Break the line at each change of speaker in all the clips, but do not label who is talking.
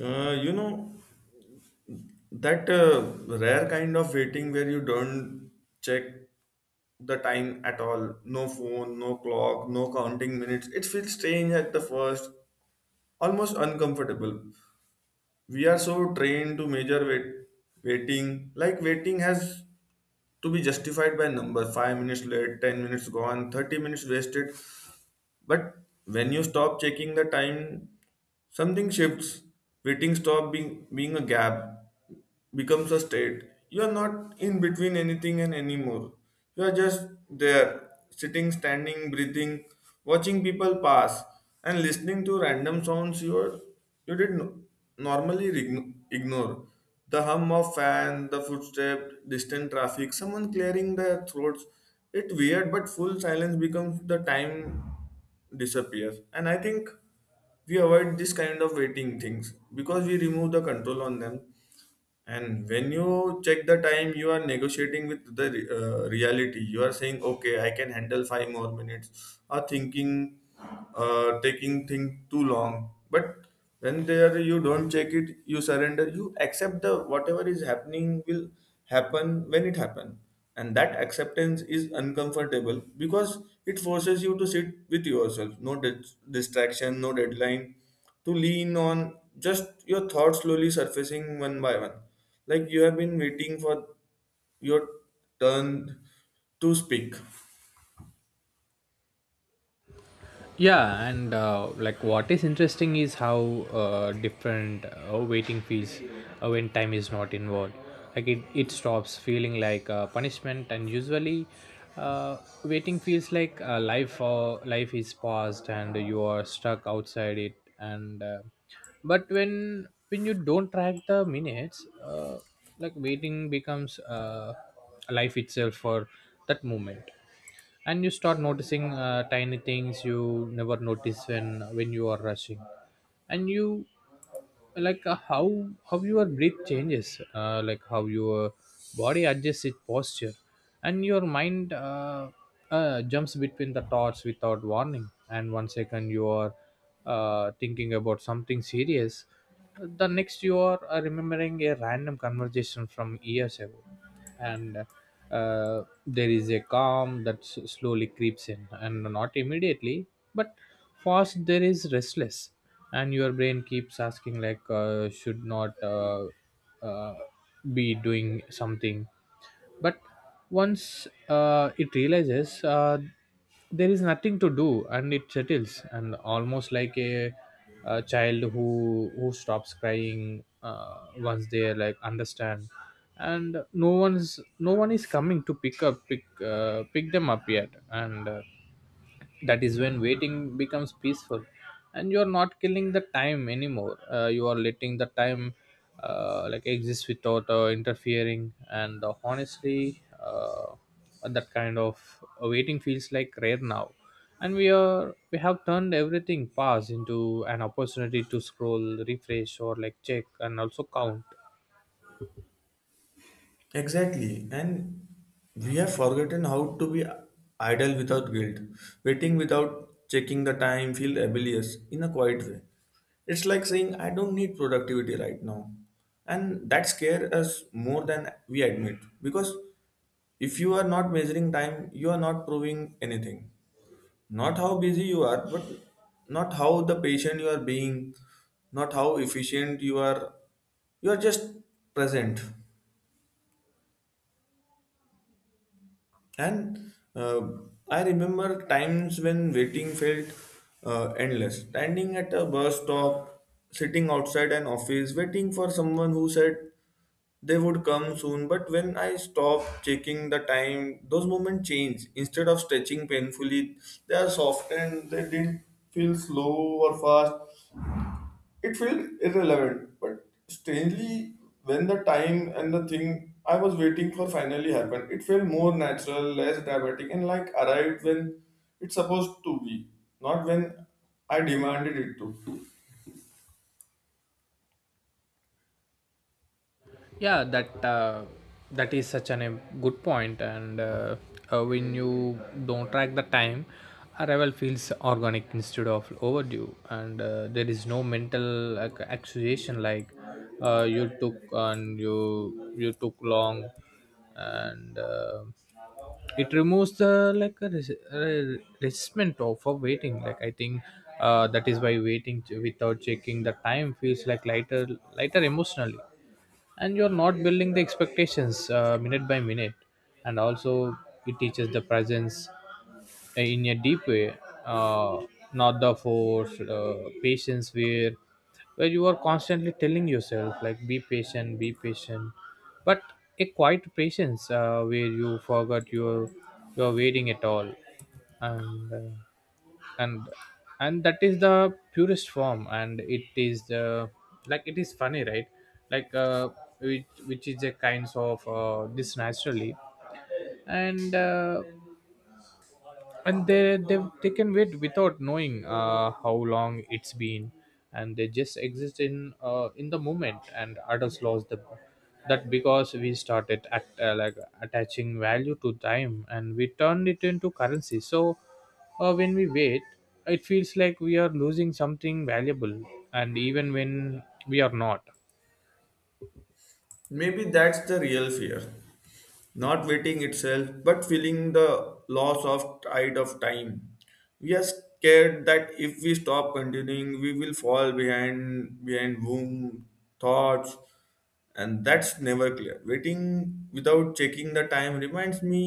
You know, that Rare kind of waiting where you don't check the time at all. No phone, no clock, no counting minutes. It feels strange at the first, almost uncomfortable. We are so trained to measure waiting, like waiting has to be justified by number 5 minutes late, 10 minutes gone, 30 minutes wasted. But when you stop checking the time, something shifts. Waiting stop being a gap. Becomes a state. You are not in between anything and anymore. You are just there, sitting, standing, breathing, watching people pass, and listening to random sounds you are, you did no- normally ign- ignore. The hum of fan, the footstep, distant traffic, someone clearing their throats. It weird, but full silence becomes the time disappears. And I think we avoid this kind of waiting things because we remove the control on them, and when you check the time, you are negotiating with the reality. You are saying, "Okay, I can handle five more minutes," or thinking, taking thing too long. But when there you don't check it, you surrender. You accept the whatever is happening will happen when it happen, and that acceptance is uncomfortable because it forces you to sit with yourself. No distraction, no deadline, to lean on just your thoughts slowly surfacing one by one like you have been waiting for your turn to speak
Yeah, and like what is interesting is how different waiting feels when time is not involved. Like it stops feeling like punishment, and usually uh, waiting feels like life life is paused and you are stuck outside it, and but when you don't track the minutes, like waiting becomes life itself for that moment. And you start noticing tiny things you never notice when you are rushing, and you, like, how your breath changes, like how your body adjusts its posture, and your mind jumps between the thoughts without warning, and one second you are thinking about something serious, the next you are remembering a random conversation from years ago. And there is a calm that slowly creeps in, and not immediately, but first there is restless, and your brain keeps asking, like, should not uh, be doing something, but once it realizes there is nothing to do, and it settles, and almost like a child who stops crying, once they, like, understand, and no one is coming to pick them up yet, and that is when waiting becomes peaceful. And you are not killing the time anymore. You are letting the time like exist without interfering, and honestly, that kind of waiting feels like rare now, and we have turned everything past into an opportunity to scroll, refresh, or like check and also count.
exactly. And we have forgotten how to be idle without guilt. Waiting without checking the time feel rebellious in a quiet way. It's like saying, I don't need productivity right now, and that scares us more than we admit because if you are not measuring time, you are not proving anything. Not how busy you are, but not how the patient you are being, not how efficient you are. You are just present. And I remember times when waiting felt endless. Standing at a bus stop, sitting outside an office, waiting for someone who said they would come soon. But when I stopped checking the time, those moments changed. Instead of stretching painfully, they are softened. They didn't feel slow or fast. It felt irrelevant, but strangely, when the time and the thing I was waiting for finally happened, it felt more natural, less dramatic, and like arrived when it's supposed to be, not when I demanded it to.
Yeah, that is such a good point. And when you don't track the time, arrival feels organic instead of overdue, and there is no mental, like, accusation, like, you took, and you took long, and it removes the, like, a resentment of for waiting, like, I think, that is why waiting, without checking the time, feels like lighter, lighter emotionally. And you're not building the expectations minute by minute. And also it teaches the presence in a deep way, uh, not the force patience, where you are constantly telling yourself, like, be patient, be patient, but a quiet patience, where you forgot your you're waiting at all. And and that is the purest form, and it is the, like it is funny, right? Like, which is a kinds of this naturally, and they can wait without knowing how long it's been, and they just exist in the moment, and adults lost the that because we started at, like, attaching value to time, and we turned it into currency. So when we wait, it feels like we are losing something valuable, and even when we are not.
Maybe that's the real fear. Not waiting itself, but feeling the loss of tide of time. We are scared that if we stop continuing, we will fall behind boom thoughts, and that's never clear. Waiting without checking the time reminds me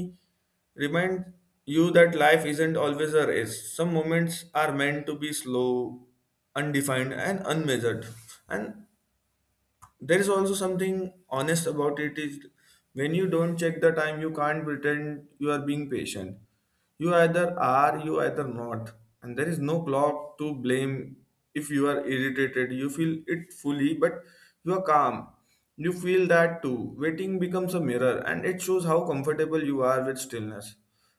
remind you that life isn't always a race. Some moments are meant to be slow, undefined, and unmeasured. And there is also something honest about it is when you don't check the time you can't pretend you are being patient. You either are, you either not, and there is no clock to blame. If you are irritated, you feel it fully, but you are calm, you feel that too. Waiting becomes a mirror, and it shows how comfortable you are with stillness,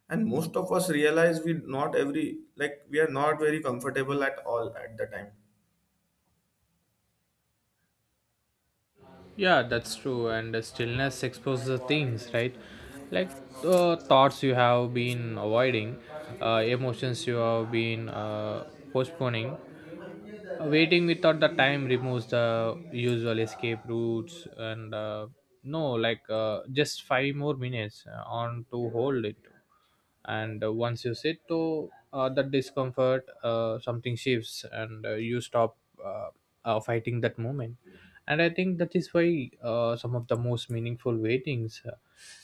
and most of us realize we not every like we are not very comfortable at all at the time.
Yeah, that's true. And the stillness exposes the things, right? Like, thoughts you have been avoiding, emotions you have been postponing. Waiting without the time removes the usual escape routes, and no, like, just five more minutes on to hold it, and once you sit to that discomfort, something shifts, and you stop uh, fighting that moment. And I think that is why some of the most meaningful waitings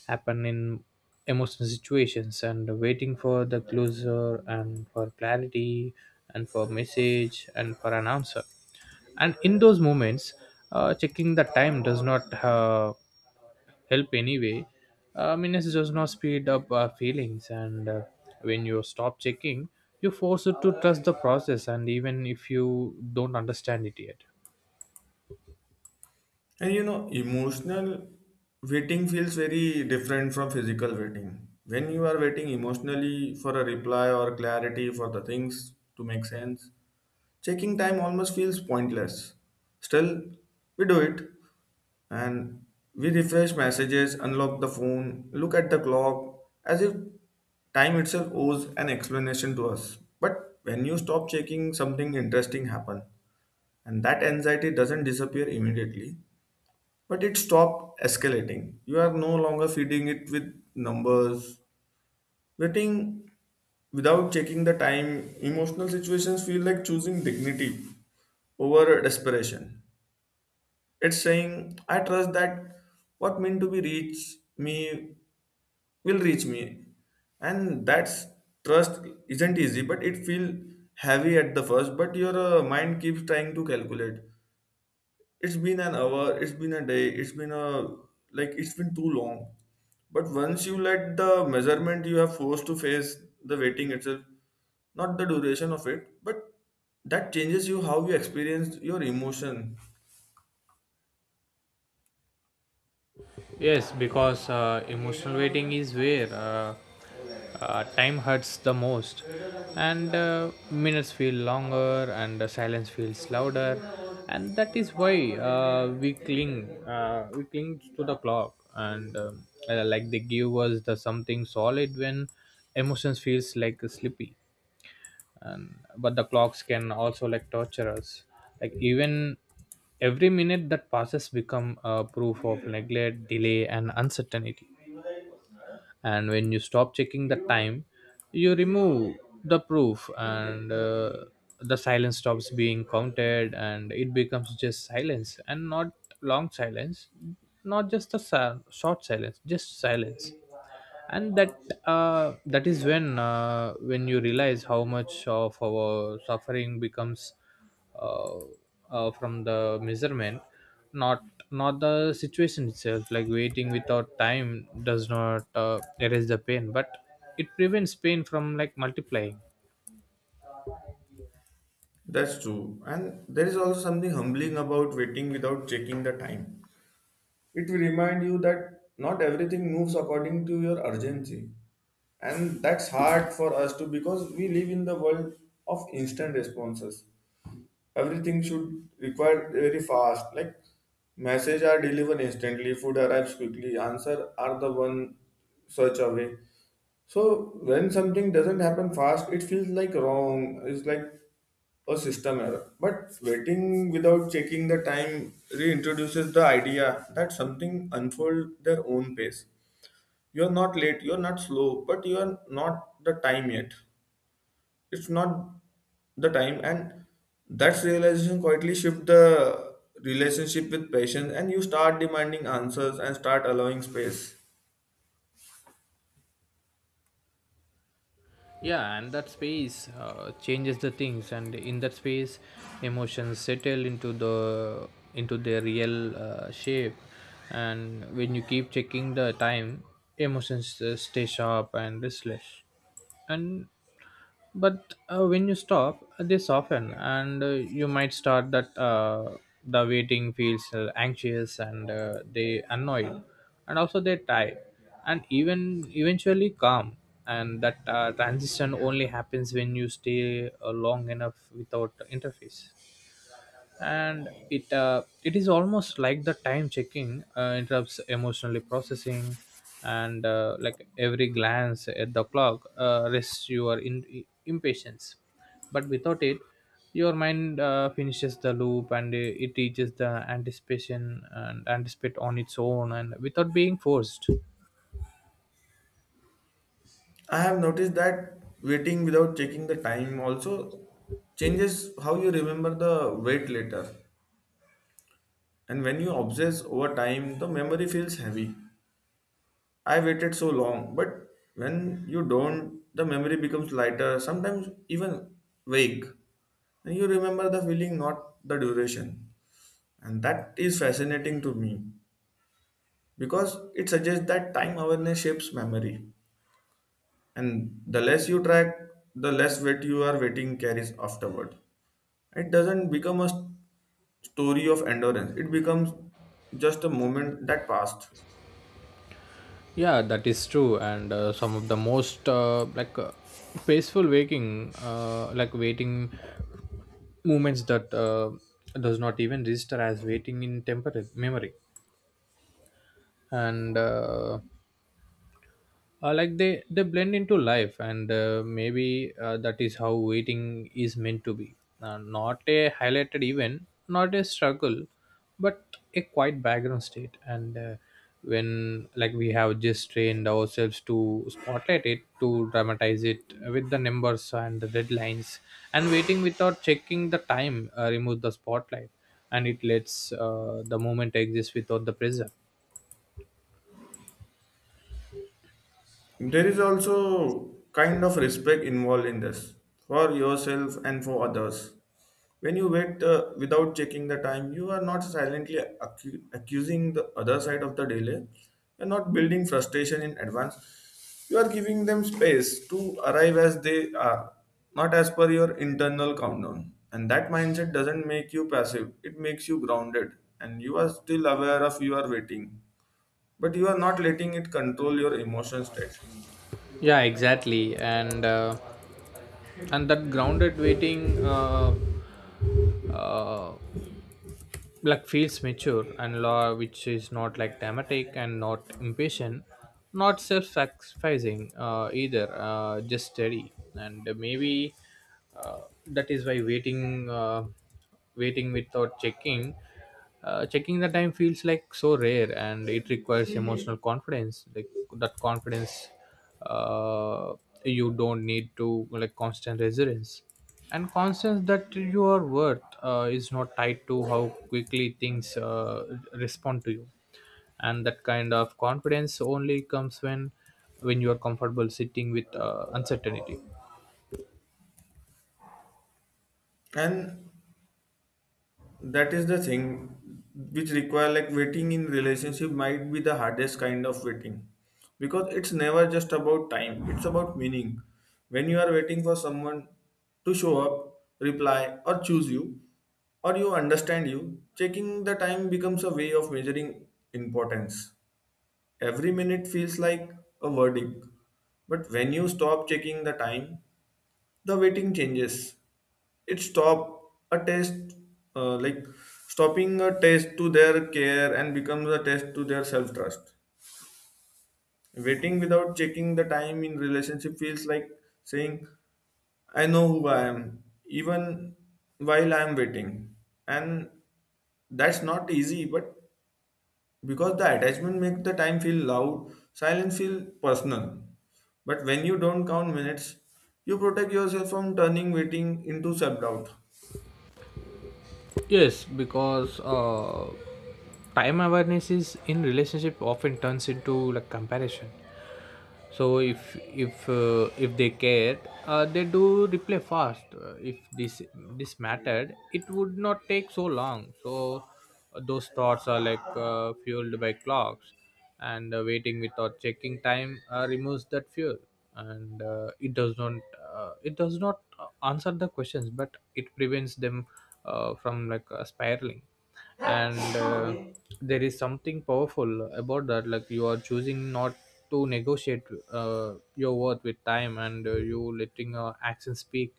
happen in emotional situations, and waiting for the closure and for clarity and for message and for an answer. And in those moments, checking the time does not help anyway. Minutes does not speed up feelings, and when you stop checking, you force it to trust the process, and even if you don't understand it yet.
And you know, emotional waiting feels very different from physical waiting. When you are waiting emotionally for a reply or clarity for the things to make sense, checking time almost feels pointless. Still, we do it, and we refresh messages, unlock the phone, look at the clock as if time itself owes an explanation to us. But when you stop checking, something interesting happens, and that anxiety doesn't disappear immediately, but it stopped escalating. You are no longer feeding it with numbers. Waiting without checking the time, emotional situations feel like choosing dignity over desperation. It's saying, I trust that what meant to be reach me will reach me. And that's trust isn't easy, but it feel heavy at the first, but your mind keeps trying to calculate. It's been an hour, it's been a day, it's been a, like it's been too long, but once you let the measurement you are forced to face the waiting itself, not the duration of it, but that changes you how you experience your emotion.
Yes, because emotional waiting is where time hurts the most, and minutes feel longer, and the silence feels louder, and that is why we cling to the clock, and like they give us the something solid when emotions feels like sleepy, but the clocks can also, like, torture us, like, even every minute that passes become a proof of neglect, delay, and uncertainty. And when you stop checking the time, you remove the proof, and the silence stops being counted, and it becomes just silence, and not long silence, not just a short silence, just silence. And that is when when you realize how much of our suffering becomes, uh, from the measurement, not, not the situation itself. Like, waiting without time does not erase the pain, but it prevents pain from, like, multiplying.
That's true, and there is also something humbling about waiting without checking the time. It will remind you that not everything moves according to your urgency, and that's hard for us too because we live in the world of instant responses. Everything should require very fast, like message are delivered instantly, food arrives quickly, answer are the one search away. So when something doesn't happen fast, it feels like wrong, it's like a system error. But waiting without checking the time reintroduces the idea that something unfold their own pace. You're not late, you're not slow, but you're not the time yet. It's not the time, and that's realization quietly shift the relationship with patience, and you start demanding answers and start allowing space.
Yeah, and that space changes the things, and in that space emotions settle into their real shape. And when you keep checking the time, emotions stay sharp and restless, and but when you stop, they soften, and you might start that the waiting feels anxious, and they annoyed, and also they tired, and even eventually calm. And that transition only happens when you stay long enough without interface, and it is almost like the time checking interrupts emotionally processing, and like, every glance at the clock rests your impatience. But without it, your mind finishes the loop, and it reaches the anticipation and anticipate on its own, and without being forced.
I have noticed that waiting without checking the time also changes how you remember the wait later. And when you obsess over time the memory feels heavy, I waited so long, but when you don't the memory becomes lighter, sometimes even vague, and you remember the feeling, not the duration. And that is fascinating to me because it suggests that time awareness shapes memory. And the less you track, the less weight you are waiting carries afterward. It doesn't become a story of endurance, it becomes just a moment that passed.
Yeah, that is true. And some of the most peaceful waking like waiting movements that does not even register as waiting in temporary memory, and like, they blend into life, and maybe that is how waiting is meant to be, not a highlighted event, not a struggle, but a quiet background state, and when, like, we have just trained ourselves to spotlight it, to dramatize it with the numbers and the deadlines. And waiting without checking the time remove the spotlight, and it lets the moment exist without the pressure.
There is also kind of respect involved in this for yourself and for others. When you wait without checking the time, you are not silently accusing the other side of the delay. You're not building frustration in advance. You are giving them space to arrive as they are, not as per your internal countdown. And that mindset doesn't make you passive, it makes you grounded. And you are still aware of you are waiting, but you are not letting it control your emotion state.
Yeah, exactly. And that grounded waiting uh, like feels mature and law, which is not like dramatic and not impatient, not self-sacrificing, either, just steady. And maybe uh, that is why waiting without checking the time feels like so rare, and it requires emotional confidence, like, that confidence, uh, you don't need to, like, constant resilience, and confidence that your worth is not tied to how quickly things respond to you. And that kind of confidence only comes when you are comfortable sitting with uncertainty.
And that is the thing which require like waiting in relationship might be the hardest kind of waiting because it's never just about time, it's about meaning. When you are waiting for someone to show up, reply or choose you, or you understand, you checking the time becomes a way of measuring importance. Every minute feels like a verdict, but when you stop checking the time the waiting changes. It stop a test, like stopping a test to their care and becomes a test to their self trust. Waiting without checking the time in relationship feels like saying, I know who I am even while I am waiting. And that's not easy but because the attachment makes the time feel loud, silence feel personal. But when you don't count minutes, you protect yourself from turning waiting into self doubt.
Yes, because time awareness is in relationship often turns into, like, comparison, so if they care, they do reply fast. If this mattered, it would not take so long. So those thoughts are, like, fueled by clocks, and waiting without checking time removes that fuel, and it does not answer the questions, but it prevents them from, like, spiraling. And there is something powerful about that, like you are choosing not to negotiate your worth with time, and you letting action speak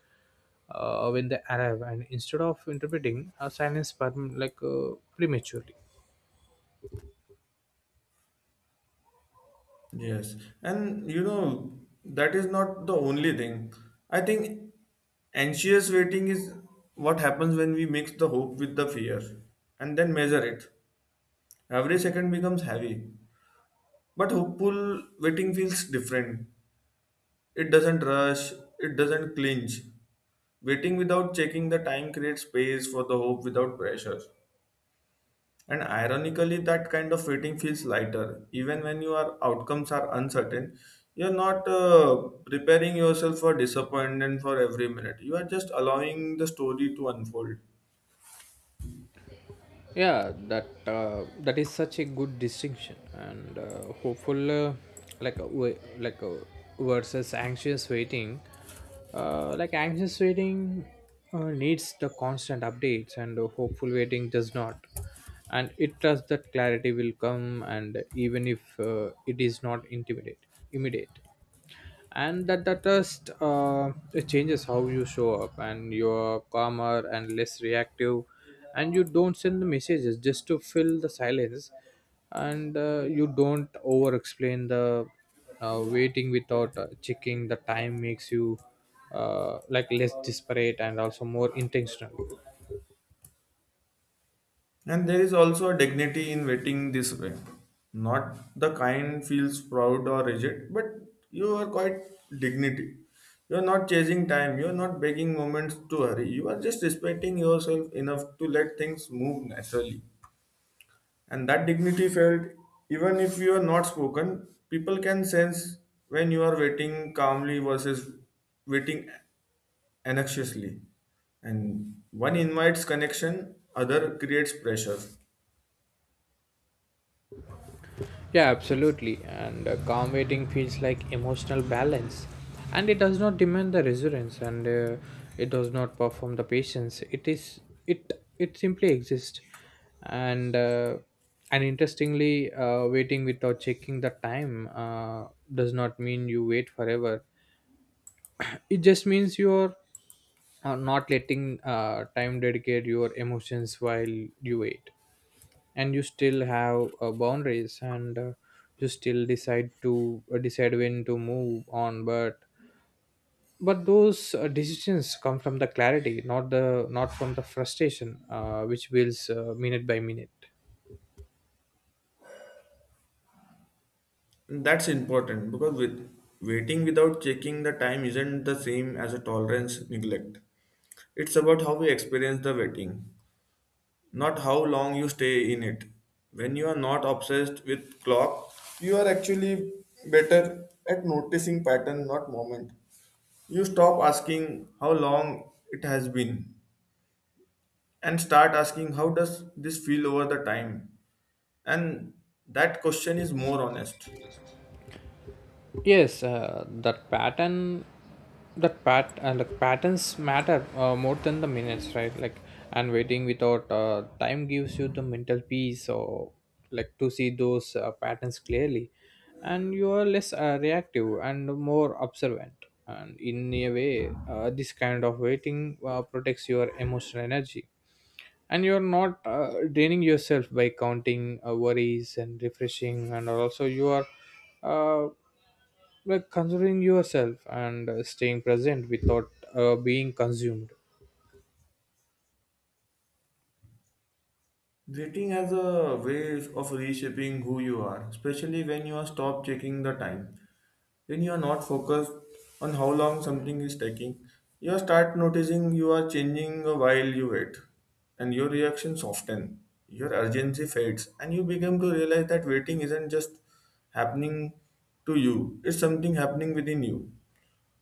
when they arrive, and instead of interpreting silence, like, prematurely.
Yes, and you know, that is not the only thing. I think anxious waiting is what happens when we mix the hope with the fear and then measure it. Every second becomes heavy, but hopeful waiting feels different. It doesn't rush, it doesn't clinch. Waiting without checking the time creates space for the hope without pressure. And ironically, that kind of waiting feels lighter. Even when your outcomes are uncertain, you're not preparing yourself for disappointment for every minute. You are just allowing the story to unfold.
Yeah, that is such a good distinction. And hopeful, like uh, wa- like uh, versus anxious waiting, like, anxious waiting needs the constant updates, and hopeful waiting does not, and it trusts that clarity will come, and even if it is not intimidate immediate. And that just it changes how you show up, and you're calmer and less reactive, and you don't send the messages just to fill the silence, and you don't over explain the, waiting without checking the time makes you like, less desperate and also more intentional.
And there is also a dignity in waiting this way. Not the kind feels proud or rigid, but you are quite dignity. You are not chasing time. You are not begging moments to hurry. You are just respecting yourself enough to let things move naturally. And that dignity felt even if you are not spoken, people can sense when you are waiting calmly versus waiting anxiously. And one invites connection, other creates pressure.
Yeah, absolutely. And calm waiting feels like emotional balance. And it does not demand the resilience, and it does not perform the patience. It is it it simply exists. And interestingly, waiting without checking the time does not mean you wait forever. It just means you're not letting time dedicate your emotions while you wait, and you still have boundaries, and you still decide when to move on, but those decisions come from the clarity, not from the frustration which builds minute by minute.
And that's important because with waiting without checking the time isn't the same as a tolerance neglect. It's about how we experience the waiting, not how long you stay in it. When you are not obsessed with clock, you are actually better at noticing pattern, not moment. You stop asking how long it has been and start asking how does this feel over the time. And that question is more honest.
Yes, that pattern, that pat, like, patterns matter more than the minutes, right? Like, and waiting without time gives you the mental peace, or, like, to see those patterns clearly, and you are less reactive and more observant. And in a way, this kind of waiting protects your emotional energy, and you're not draining yourself by counting worries and refreshing, and also you are. Uh, like considering yourself and staying present without being consumed.
Dating as a way of reshaping who you are, especially when you are stop checking the time. When you are not focused on how long something is taking, you start noticing you are changing while you wait, and your reaction soften. Your urgency fades, and you begin to realize that waiting isn't just happening to you; it's something happening within you.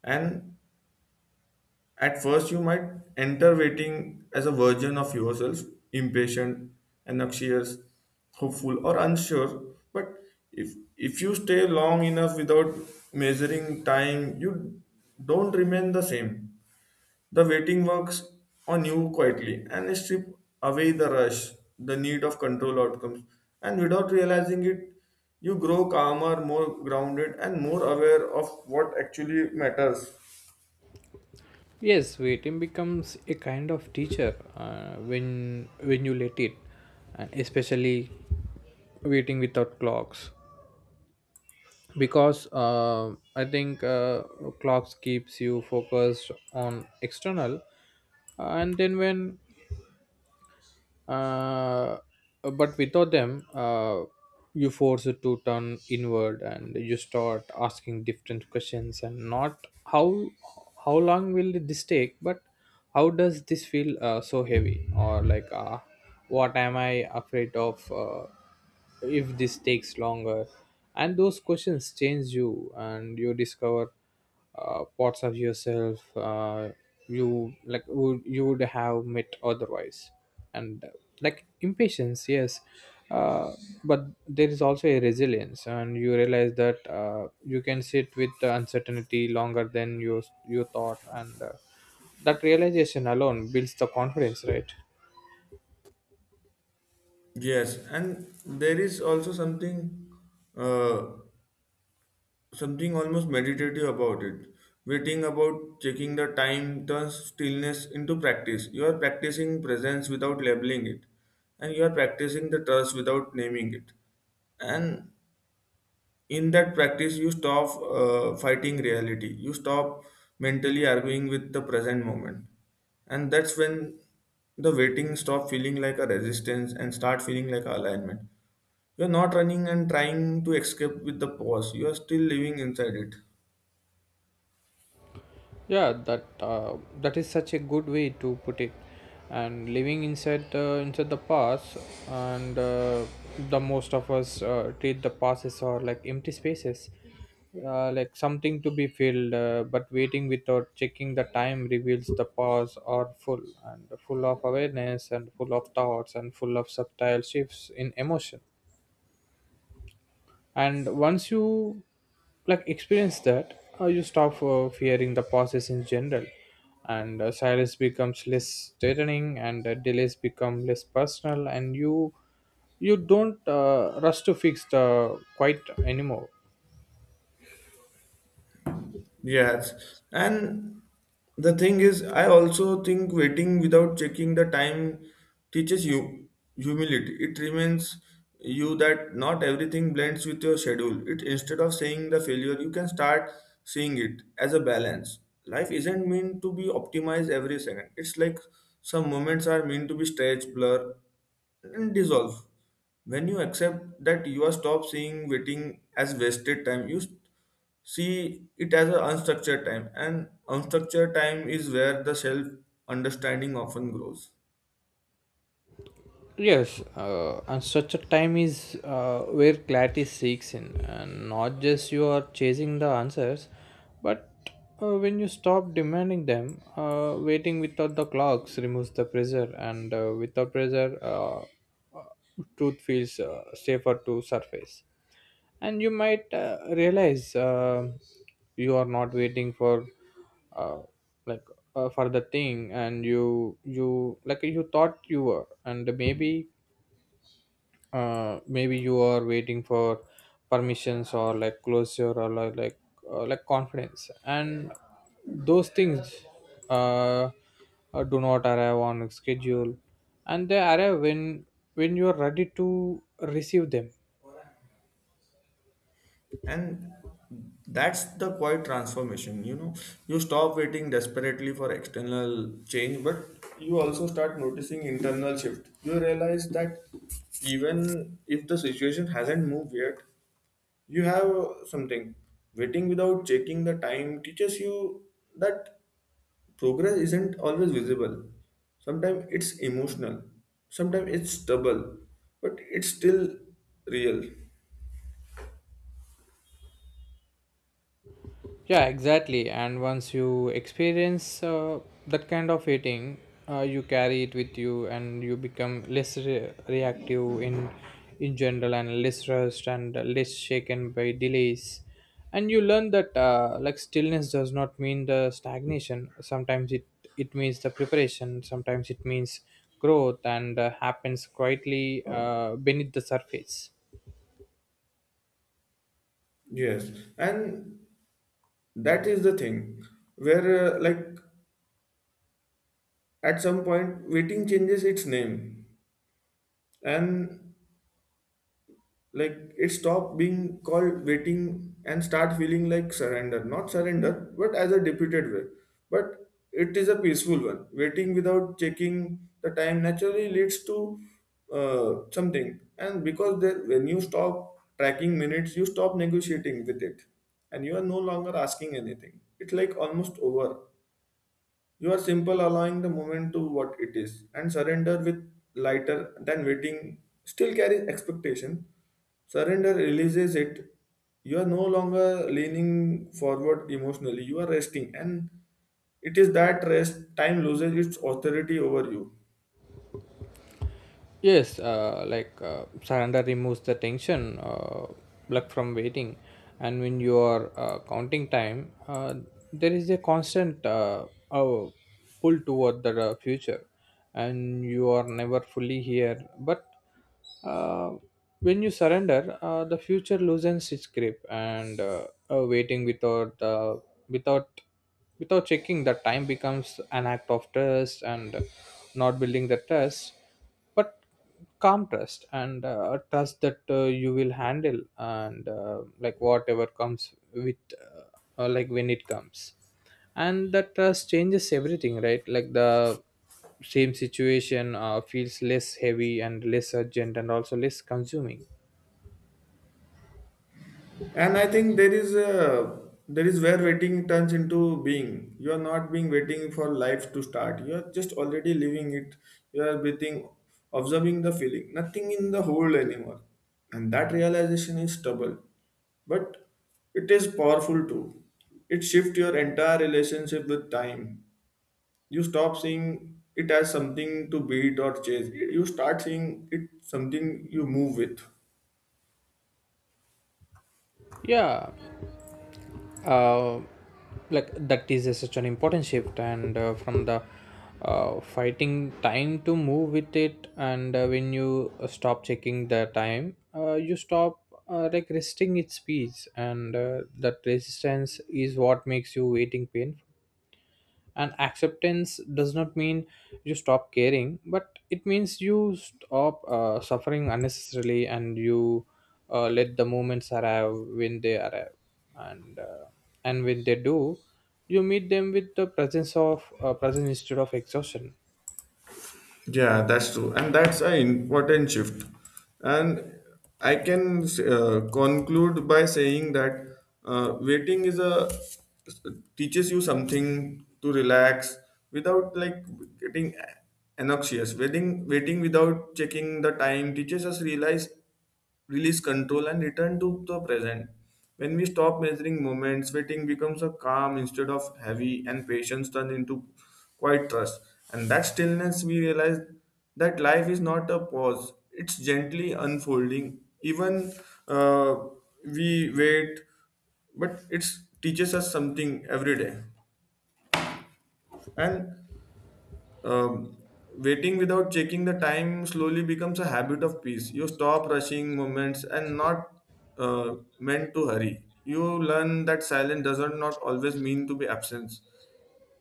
And at first, you might enter waiting as a version of yourself, impatient, anxious, hopeful, or unsure. But if you stay long enough without measuring time, you don't remain the same. The waiting works on you quietly and strip away the rush, the need of control outcomes, and without realizing it, you grow calmer, more grounded, and more aware of what actually matters.
Yes, waiting becomes a kind of teacher when you let it, and especially waiting without clocks, because I think clocks keeps you focused on external. And then when uh, but without them you force it to turn inward, and you start asking different questions, and not how long will this take, but how does this feel so heavy, or like what am I afraid of if this takes longer. And those questions change you, and you discover parts of yourself you like would have met otherwise. And like impatience, yes, uh, but there is also a resilience, and you realize that you can sit with the uncertainty longer than you thought, and that realization alone builds the confidence, right?
Yes, and there is also something, uh, something almost meditative about it. Waiting about checking the time turns stillness into practice. You are practicing presence without labeling it, and you are practicing the trust without naming it. And in that practice, you stop fighting reality. You stop mentally arguing with the present moment, and that's when the waiting stop feeling like a resistance and start feeling like alignment. You're not running and trying to escape with the pause. You are still living inside it.
Yeah, that that is such a good way to put it. And living inside inside the past, and the most of us treat the passes or like empty spaces, like something to be filled. But waiting without checking the time reveals the past are full, and full of awareness, and full of thoughts, and full of subtle shifts in emotion. And once you like experience that, you stop fearing the process in general, and silence becomes less threatening, and delays become less personal, and you you don't rush to fix the quite anymore.
Yes, and the thing is, I also think waiting without checking the time teaches you humility. It reminds you that not everything blends with your schedule. It instead of saying the failure, you can start seeing it as a balance. Life isn't meant to be optimized every second. It's like some moments are meant to be stretched, blur, and dissolve. When you accept that you are stop seeing waiting as wasted time, you see it as an unstructured time, and unstructured time is where the self understanding often grows.
Yes, and such a time is where clarity seeks in, and not just you are chasing the answers, but when you stop demanding them, waiting without the clocks removes the pressure, and without pressure, truth feels safer to surface. And you might realize you are not waiting for uh, like for the thing, and you like you thought you were, and maybe maybe you are waiting for permissions, or like closure, or like confidence. And those things uh, do not arrive on schedule, and they arrive when you are ready to receive them.
And that's the quiet transformation, you know, you stop waiting desperately for external change, but you also start noticing internal shift. You realize that even if the situation hasn't moved yet, you have something. Waiting without checking the time teaches you that progress isn't always visible. Sometimes it's emotional, sometimes it's stubble, but it's still real.
Yeah, exactly. And once you experience that kind of eating, you carry it with you, and you become less reactive in general, and less rushed, and less shaken by delays. And you learn that like stillness does not mean the stagnation. Sometimes it it means the preparation. Sometimes it means growth, and happens quietly beneath the surface.
Yes, and that is the thing where, like, at some point waiting changes its name, and like it stopped being called waiting and start feeling like surrender, not surrender but as a deputed way, but it is a peaceful one. Waiting without checking the time naturally leads to something, and because there, when you stop tracking minutes you stop negotiating with it, and you are no longer asking anything. It's like almost over. You are simple, allowing the moment to what it is, and surrender with lighter than waiting still carries expectation. Surrender releases it. You are no longer leaning forward emotionally. You are resting, and it is that rest time loses its authority over you.
Yes, surrender removes the tension, luck from waiting, and when you are counting time, there is a constant pull toward the future, and you are never fully here. But uh, when you surrender, the future loosens its grip, and waiting without without without checking the time becomes an act of trust, and not building the trust, but calm trust, and trust that you will handle, and like whatever comes with like when it comes. And that trust changes everything, right? Like the same situation feels less heavy, and less urgent, and also less consuming.
And I think there is a, there is where waiting turns into being. You are not being waiting for life to start, you are just already living it. You are breathing, observing the feeling, nothing in the whole anymore. And that realization is stubborn, but it is powerful too. It shifts your entire relationship with time. You stop seeing it as something to beat or chase, you start seeing it something you move with.
Yeah, uh, like that is such an important shift, and from the fighting time to move with it. And when you stop checking the time, you stop like resisting its speeds, and that resistance is what makes you waiting painful. And acceptance does not mean you stop caring, but it means you stop suffering unnecessarily, and you let the moments arrive when they arrive. And and when they do, you meet them with the presence of presence instead of exhaustion.
Yeah, that's true. And that's an important shift. And I can conclude by saying that, waiting is a teaches you something to relax without like getting anxious. Waiting without checking the time teaches us realize release control, and return to the present. When we stop measuring moments, waiting becomes a calm instead of heavy, and patience turns into quiet trust. And that stillness, we realize that life is not a pause, it's gently unfolding. Even, uh, we wait, but it teaches us something every day. And um, waiting without checking the time slowly becomes a habit of peace. You stop rushing moments and not meant to hurry. You learn that silence doesn't not always mean to be absence.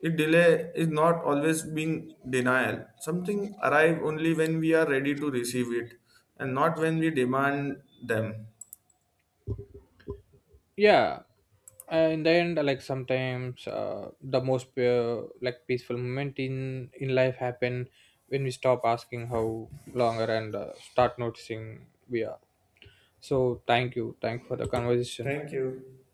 It delay is not always being denial. Something arrive only when we are ready to receive it, and not when we demand them.
Yeah, in the end, like sometimes the most like peaceful moment in life happen when we stop asking how longer, and start noticing we are. So thank you. Thank for the conversation.
Thank you.